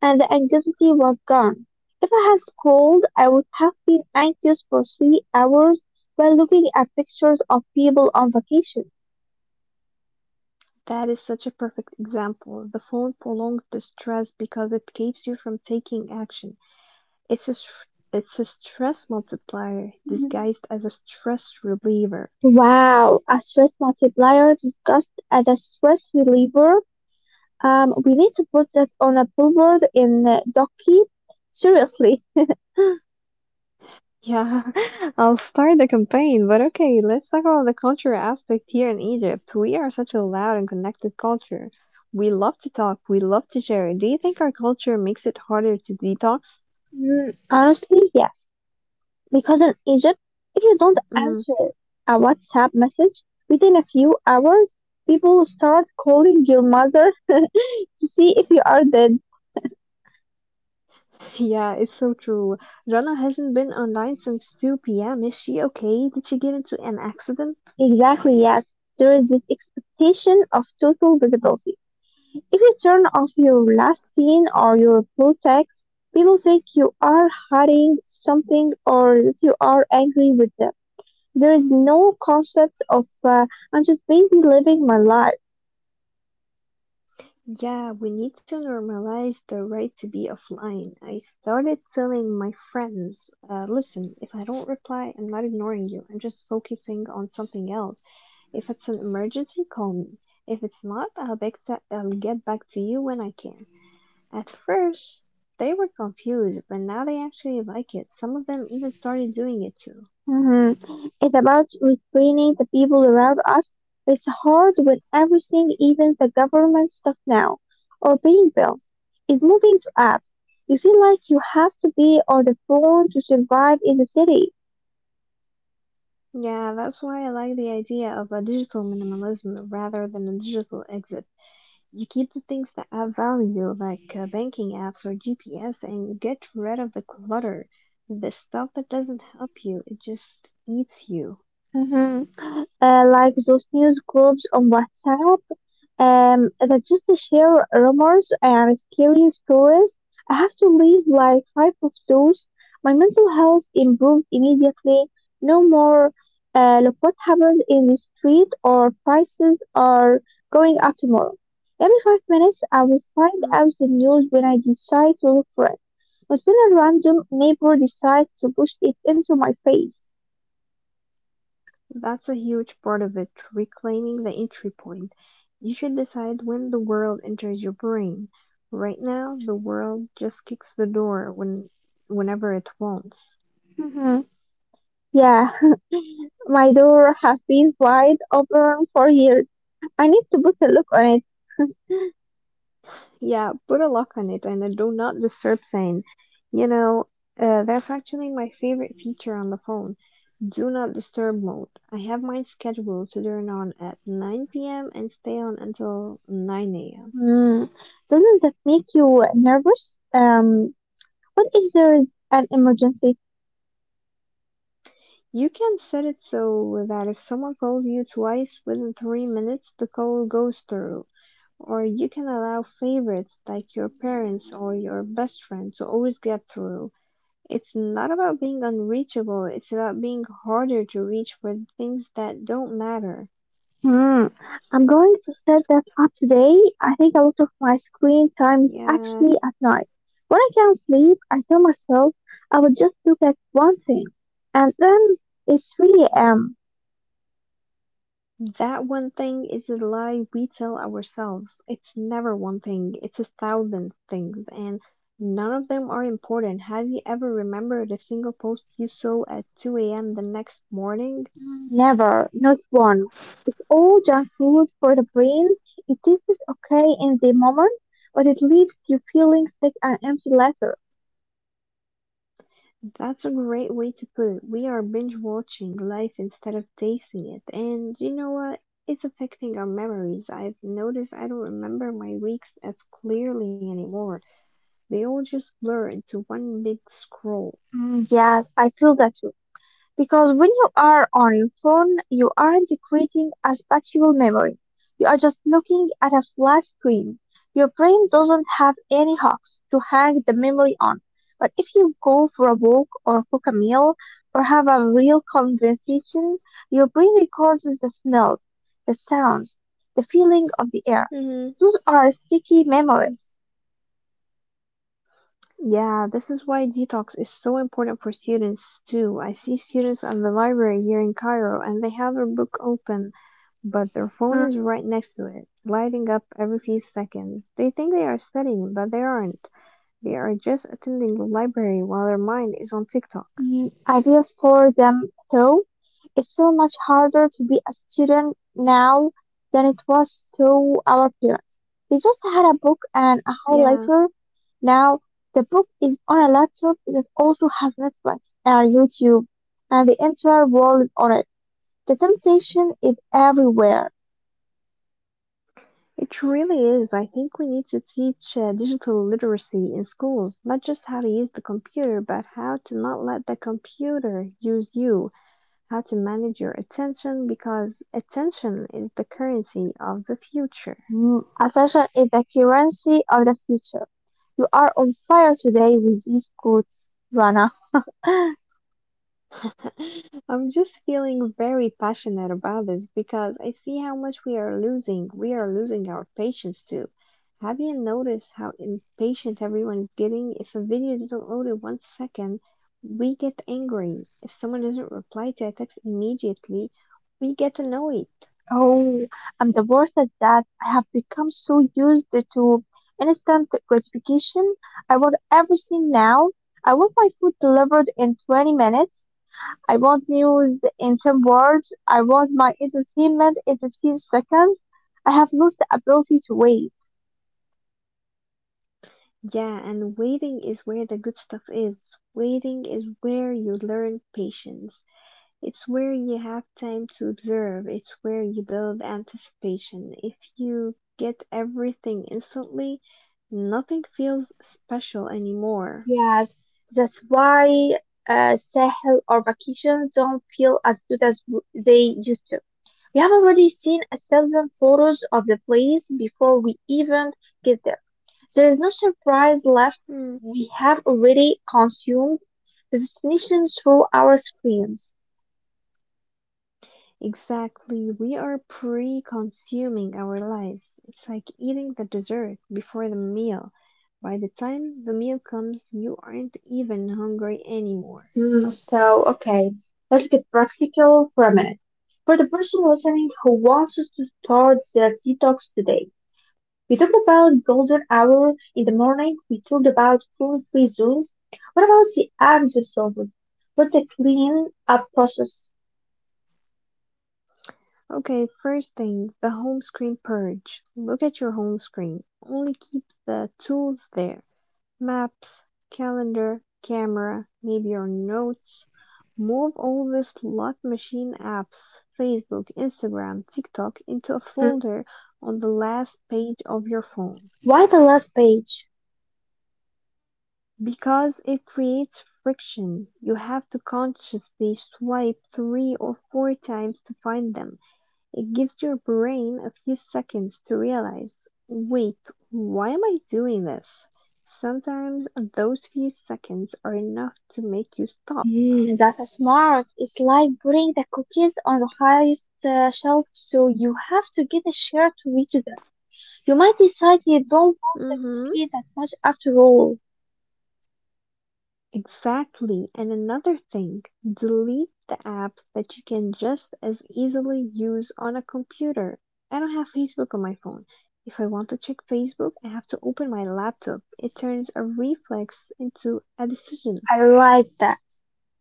S2: and the anxiety was gone. If I had scrolled, I would have been anxious for 3 hours while looking at pictures of people on vacation.
S1: That is such a perfect example. The phone prolongs the stress because it keeps you from taking action. It's a str- it's a stress multiplier
S2: Mhm.
S1: disguised as a stress reliever.
S2: Wow, a stress multiplier discussed as a stress reliever. We need to put that on a billboard in Docky. Seriously.
S1: Yeah, I'll start the campaign, but okay, let's talk about the cultural aspect here in Egypt. We are such a loud and connected culture. We love to talk, we love to share. Do you think our culture makes it harder to detox?
S2: Mm, honestly, yes. Because in Egypt, if you don't
S1: Mm,
S2: answer a WhatsApp message within a few hours, people start calling your mother to see if you are dead.
S1: yeah, it's so true. Rana hasn't been online since 2 p.m. Is she okay? Did she get into an accident?
S2: Exactly, yes. There is this expectation of total visibility. If you turn off your last scene or your blue text, people think you are hiding something or that you are angry with them. There is no concept of I'm just busy living my life.
S1: Yeah, we need to normalize the right to be offline. I started telling my friends, listen, if I don't reply, I'm not ignoring you. I'm just focusing on something else. If it's an emergency, call me. If it's not, I'll get back to you when I can. At first, they were confused, but now they actually like it. Some of them even started doing it too.
S2: Mhm. It's about retraining the people around us. It's hard when everything, even the government stuff now, or paying bills, is moving to apps. You feel like you have to be on the phone to survive in the city.
S1: Yeah, that's why I like the idea of a digital minimalism rather than a digital exit. You keep the things that add value, like banking apps or GPS, and you get rid of the clutter. The stuff that doesn't help you, it just eats you.
S2: Hmm. Like those news groups on WhatsApp, that just share rumors and scary stories. I have to leave like five of those. My mental health improved immediately. No more, look what happened in the street or prices are going up tomorrow. Every five minutes, I will find
S1: Mm,
S2: out the news when I decide to look for it. But when a random neighbor decides to push it into my face.
S1: that's a huge part of it, reclaiming the entry point. You should decide when the world enters your brain. Right now, the world just kicks the door whenever it wants.
S2: Mhm. Yeah, my door has been wide open for years. I need to put a look on it.
S1: Yeah, put a lock on it and a do not disturb sign. You know, that's actually my favorite feature on the phone. Do not disturb mode. I have mine scheduled to turn on at 9 p.m. and stay on until 9 a.m.
S2: Hmm. Doesn't that make you nervous? What if there is an emergency?
S1: You can set it so that if someone calls you twice within 3 minutes, the call goes through. Or you can allow favorites like your parents or your best friend to always get through. It's not about being unreachable, it's about being harder to reach for things that don't matter.
S2: Hmm. I'm going to set that up today. I think a lot of my screen time is
S1: Yeah,
S2: actually at night. When I can't sleep, I tell myself I will just look at one thing, and then it's 3 a.m.
S1: that one thing is a lie we tell ourselves. It's never one thing, it's a thousand things, and none of them are important. Have you ever remembered a single post you saw at 2 a.m. the next morning?
S2: Never, not one. It's all junk food for the brain. It tastes okay in the moment, but it leaves you feeling sick and empty later.
S1: That's a great way to put it. We are binge watching life instead of tasting it. And you know what? It's affecting our memories. I've noticed I don't remember my weeks as clearly anymore. They all just blur into one big scroll.
S2: Mm, yes, I feel that. Because when you are on your phone, you aren't creating a spatial memory. You are just looking at a flat screen. Your brain doesn't have any hooks to hang the memory on. But if you go for a walk or cook a meal or have a real conversation, your brain records the smells, the sounds, the feeling of the air.
S1: Hmm.
S2: Those are sticky memories.
S1: Yeah, this is why detox is so important for students too. I see students at the library here in Cairo and they have their book open, but their phone is right next to it, lighting up every few seconds. They think they are studying, but they aren't. They are just attending the library while their mind is on TikTok.
S2: Mm, ideal for them, though. It's so much harder to be a student now than it was through our parents. They just had a book and a
S1: Yeah,
S2: highlighter. Now, the book is on a laptop that also has Netflix and YouTube and the entire world on it. The temptation is everywhere.
S1: it really is. I think we need to teach digital literacy in schools, not just how to use the computer, but how to not let the computer use you, how to manage your attention, because attention is the currency of the future.
S2: Mm, attention is the currency of the future. You are on fire today with these quotes, Rana.
S1: I'm just feeling very passionate about this because I see how much we are losing. We are losing our patience too. Have you noticed how impatient everyone is getting? If a video doesn't load in 1 second, we get angry. If someone doesn't reply to a text immediately, we get annoyed.
S2: Oh, and the worst is that I have become so used to instant gratification. I want everything now. I want my food delivered in 20 minutes. I want news in 10 words. I want my entertainment in 15 seconds. I have lost the ability to wait.
S1: Yeah, and waiting is where the good stuff is. Waiting is where you learn patience. It's where you have time to observe, it's where you build anticipation. If you get everything instantly, nothing feels special anymore.
S2: Yes, that's why Sahel or vacations don't feel as good as they used to. We have already seen a thousand photos of the place before we even get there. There is no surprise left.
S1: Hmm,
S2: We have already consumed the destination through our screens.
S1: exactly. We are pre consuming our lives. It's like eating the dessert before the meal. By the time the meal comes, you aren't even hungry anymore.
S2: Hmm, so, okay, let's get practical for a minute. For the person listening who wants us to start their detox today, we talked about golden hour in the morning. We talked about food-free zones. What about the acts themselves? What's the clean up process?
S1: Okay, first thing, the home screen purge. Look at your home screen. Only keep the tools there. Maps, calendar, camera, maybe your notes. Move all the slot machine apps, Facebook, Instagram, TikTok into a
S2: Hmm.
S1: folder on the last page of your phone.
S2: Why the last page?
S1: Because it creates friction, you have to consciously swipe three or four times to find them. It gives your brain a few seconds to realize, wait, why am I doing this? Sometimes those few seconds are enough to make you stop.
S2: Mm, that's smart. It's like putting the cookies on the highest shelf, so you have to get a share to reach them. You might decide you don't want
S1: Mhm.
S2: it that much after all.
S1: Exactly. And another thing, delete the apps that you can just as easily use on a computer. I don't have Facebook on my phone. If I want to check Facebook, I have to open my laptop. It turns a reflex into a decision.
S2: I like that.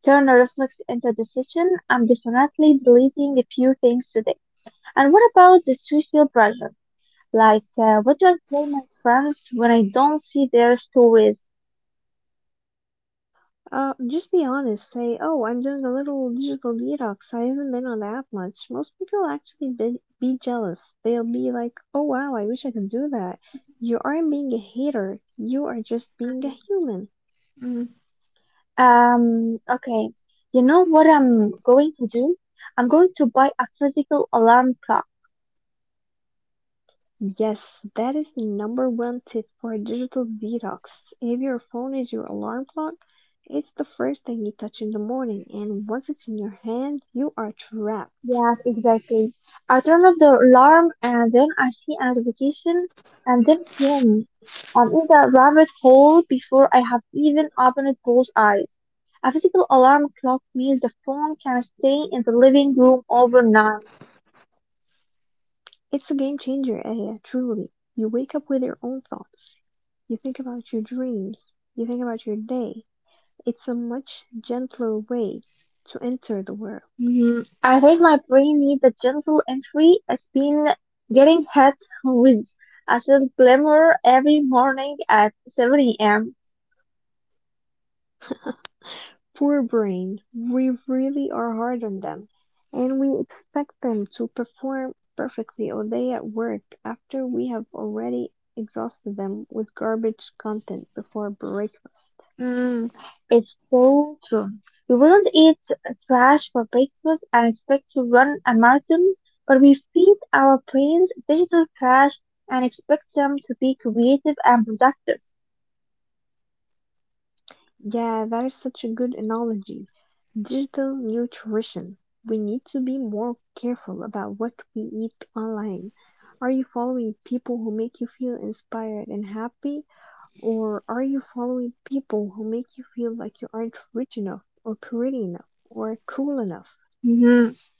S2: Turn a reflex into a decision. I'm definitely deleting a few things today. And what about the social pressure? Like, what do I tell my friends when I don't see their stories?
S1: Just be honest. Say, oh, I'm doing a little digital detox. I haven't been on the app much. Most people actually be jealous. They'll be like, oh wow, I wish I could do that. You aren't being a hater. You are just being a human.
S2: Okay. You know what I'm going to do? I'm going to buy a physical alarm clock.
S1: Yes, that is the number one tip for a digital detox. If your phone is your alarm clock, it's the first thing you touch in the morning, and once it's in your hand, you are trapped.
S2: Yes, exactly. I turn off the alarm and then I see a notification and then boom. I'm in the rabbit hole before I have even opened both eyes. A physical alarm clock means the phone can stay in the living room overnight.
S1: It's a game changer, eh, truly. You wake up with your own thoughts. You think about your dreams. You think about your day. It's a much gentler way to enter the world.
S2: Mm, I think my brain needs a gentle entry. It's been getting hit with a little glimmer every morning at 7 a.m.
S1: Poor brain, we really are hard on them, and we expect them to perform perfectly all day at work after we have already exhausted them with garbage content before breakfast.
S2: Mm, it's so true. We wouldn't eat trash for breakfast and expect to run a marathon, but we feed our brains digital trash and expect them to be creative and productive.
S1: Yeah, that is such a good analogy. Digital nutrition. We need to be more careful about what we eat online. Are you following people who make you feel inspired and happy? Or are you following people who make you feel like you aren't rich enough, or pretty enough, or cool enough?
S2: Mhm.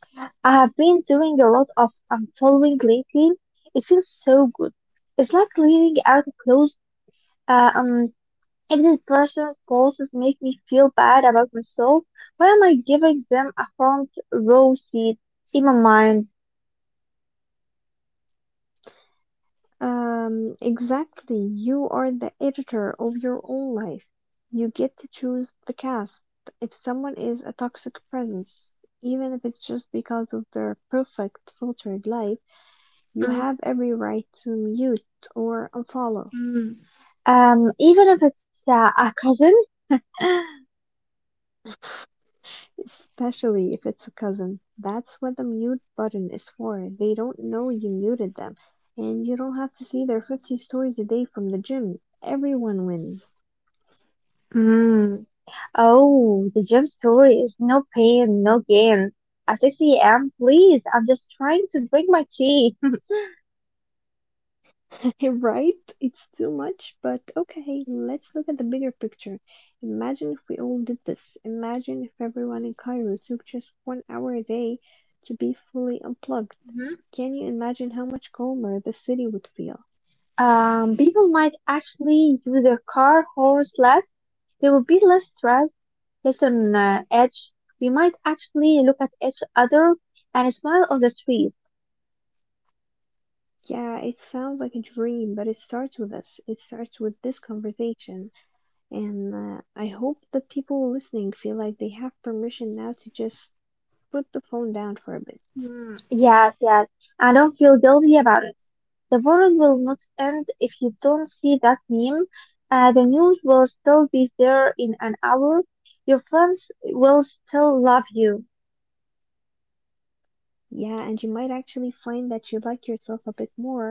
S2: I have been doing a lot of unfollowing lately. It feels so good. It's like cleaning out clothes. Uh Um, if the person closest make me feel bad about myself, why am I giving them a front row seat in my mind?
S1: Exactly. You are the editor of your own life. You get to choose the cast. If someone is a toxic presence, even if it's just because of their perfect filtered life, you have every right to mute or unfollow,
S2: Mm-hmm. Even if it's a cousin.
S1: especially if it's a cousin. That's what the mute button is for. They don't know you muted them, and you don't have to see their 50 stories a day from the gym. Everyone wins.
S2: Mm. Oh, the gym story is no pain, no gain. At 6 a.m., please, I'm just trying to drink my tea.
S1: Right? It's too much, but okay, let's look at the bigger picture. Imagine if we all did this. Imagine if everyone in Cairo took just 1 hour a day to be fully unplugged.
S2: Mhm.
S1: Can you imagine how much calmer the city would feel?
S2: People might actually use their car horse less. They will be less stressed. Listen, Edge, we might actually look at each other and smile on the street.
S1: Yeah, it sounds like a dream, but it starts with us. It starts with this conversation. And I hope that people listening feel like they have permission now to just put the phone down for a bit.
S2: Hmm, yes, yes, I don't feel guilty about it. The world will not end if you don't see that meme. The news will still be there in an hour. Your friends will still love you.
S1: Yeah, and you might actually find that you like yourself a bit more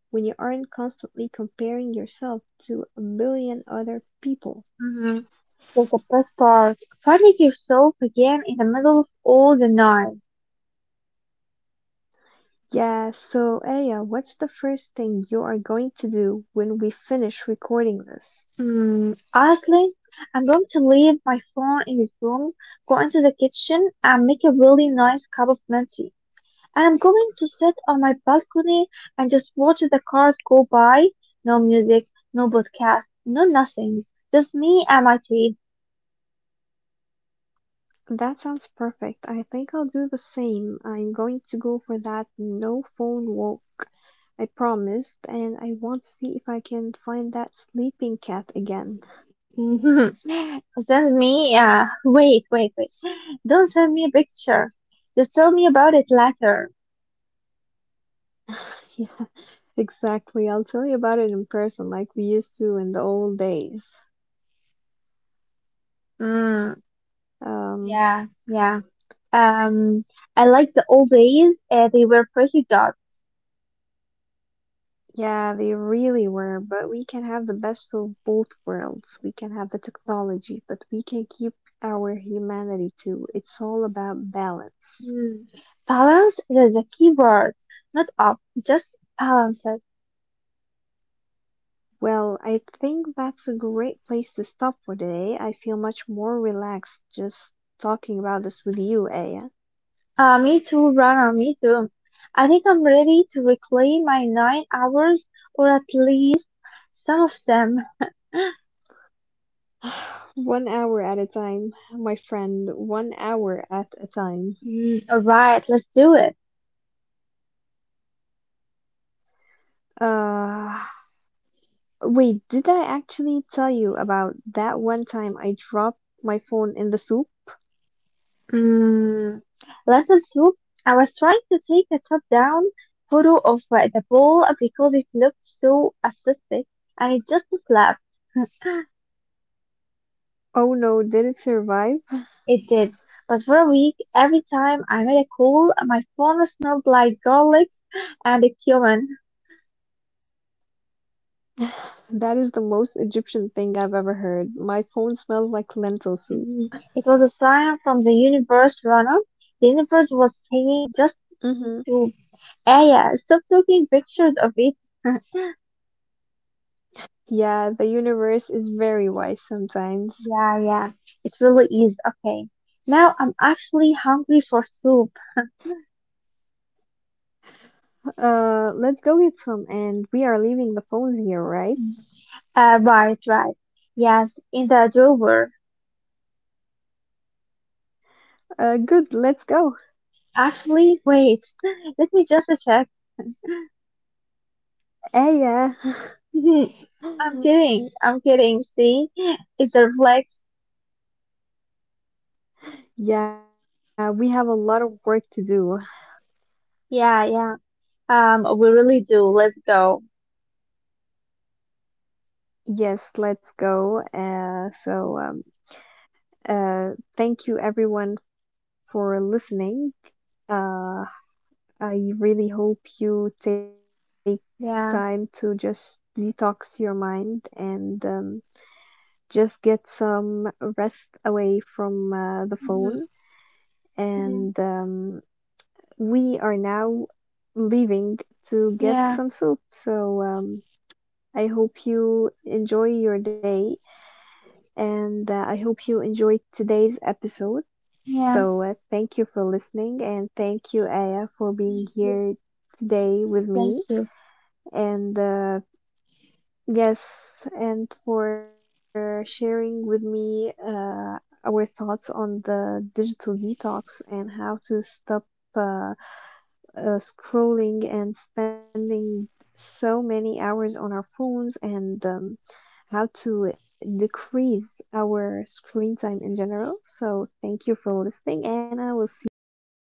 S1: when you aren't constantly comparing yourself to a million other people.
S2: Mm-hmm. That's the best part. Finding yourself again in the middle of all the noise.
S1: Yeah, so Aya, what's the first thing you are going to do when we finish recording this?
S2: Mm, honestly, I'm going to leave my phone in his room, go into the kitchen, and make a really nice cup of mint tea. And I'm going to sit on my balcony and just watch the cars go by. No music, no podcast, no nothing. Just me and my tea.
S1: That sounds perfect. I think I'll do the same. I'm going to go for that no phone walk I promised, and I want to see if I can find that sleeping cat again.
S2: Send me, wait, wait, wait. Don't send me a picture. Just tell me about it later.
S1: Yeah, exactly. I'll tell you about it in person, like we used to in the old days.
S2: Mm,
S1: Um,
S2: yeah, yeah. Um, I like the old days. They were pretty dark.
S1: yeah, they really were, but we can have the best of both worlds. We can have the technology, but we can keep our humanity too. It's all about balance.
S2: Hmm. Balance is the key word. Not off, just balance it.
S1: Well, I think that's a great place to stop for today. I feel much more relaxed just talking about this with you, Aya.
S2: Me too, Rana, me too. I think I'm ready to reclaim my nine hours, or at least some of them.
S1: 1 hour at a time, my friend, 1 hour at a time.
S2: Mm, alright, let's do it.
S1: Uh, wait, did I actually tell you about that one time I dropped my phone in the soup?
S2: Mm, lesson two. I was trying to take a top-down photo of the ball because it looked so aesthetic, and it just slapped.
S1: Oh no, did it survive?
S2: It did. But for a week, every time I made a call, my phone smelled like garlic and a cumin.
S1: That is the most Egyptian thing I've ever heard. My phone smells like lentil soup.
S2: Mm, it was a sign from the universe, Rana. The universe was saying just
S1: Hmm.
S2: to, ah, yeah, stop taking pictures of it.
S1: Yeah, the universe is very wise sometimes.
S2: Yeah, yeah, it really is. Okay. Now I'm actually hungry for soup.
S1: Let's go get some, and we are leaving the phones here, right?
S2: Right, right. Yes, in the drawer.
S1: Good, let's go.
S2: Actually, wait, let me just check.
S1: Eh, yeah.
S2: I'm kidding. I'm kidding. See, it's a flex.
S1: Yeah, we have a lot of work to do.
S2: Yeah, yeah. We really do. Let's go.
S1: Yes, let's go. Uh, Thank you everyone for listening. Uh, I really hope you take time to
S2: Yeah.
S1: just detox your mind and just get some rest away from the phone.
S2: Mhm.
S1: And We are now leaving to
S2: Yeah.
S1: get
S2: Yeah.
S1: some soup. So I hope you enjoy your day and I hope you enjoyed today's episode.
S2: Yeah.
S1: So thank you for listening and thank you, Aya, for being here today with
S2: Thank
S1: me.
S2: you.
S1: And yes, and for sharing with me our thoughts on the digital detox and how to stop uh, scrolling and spending so many hours on our phones and how to decrease our screen time in general. So, thank you for listening, and I will see you next time.
S2: Good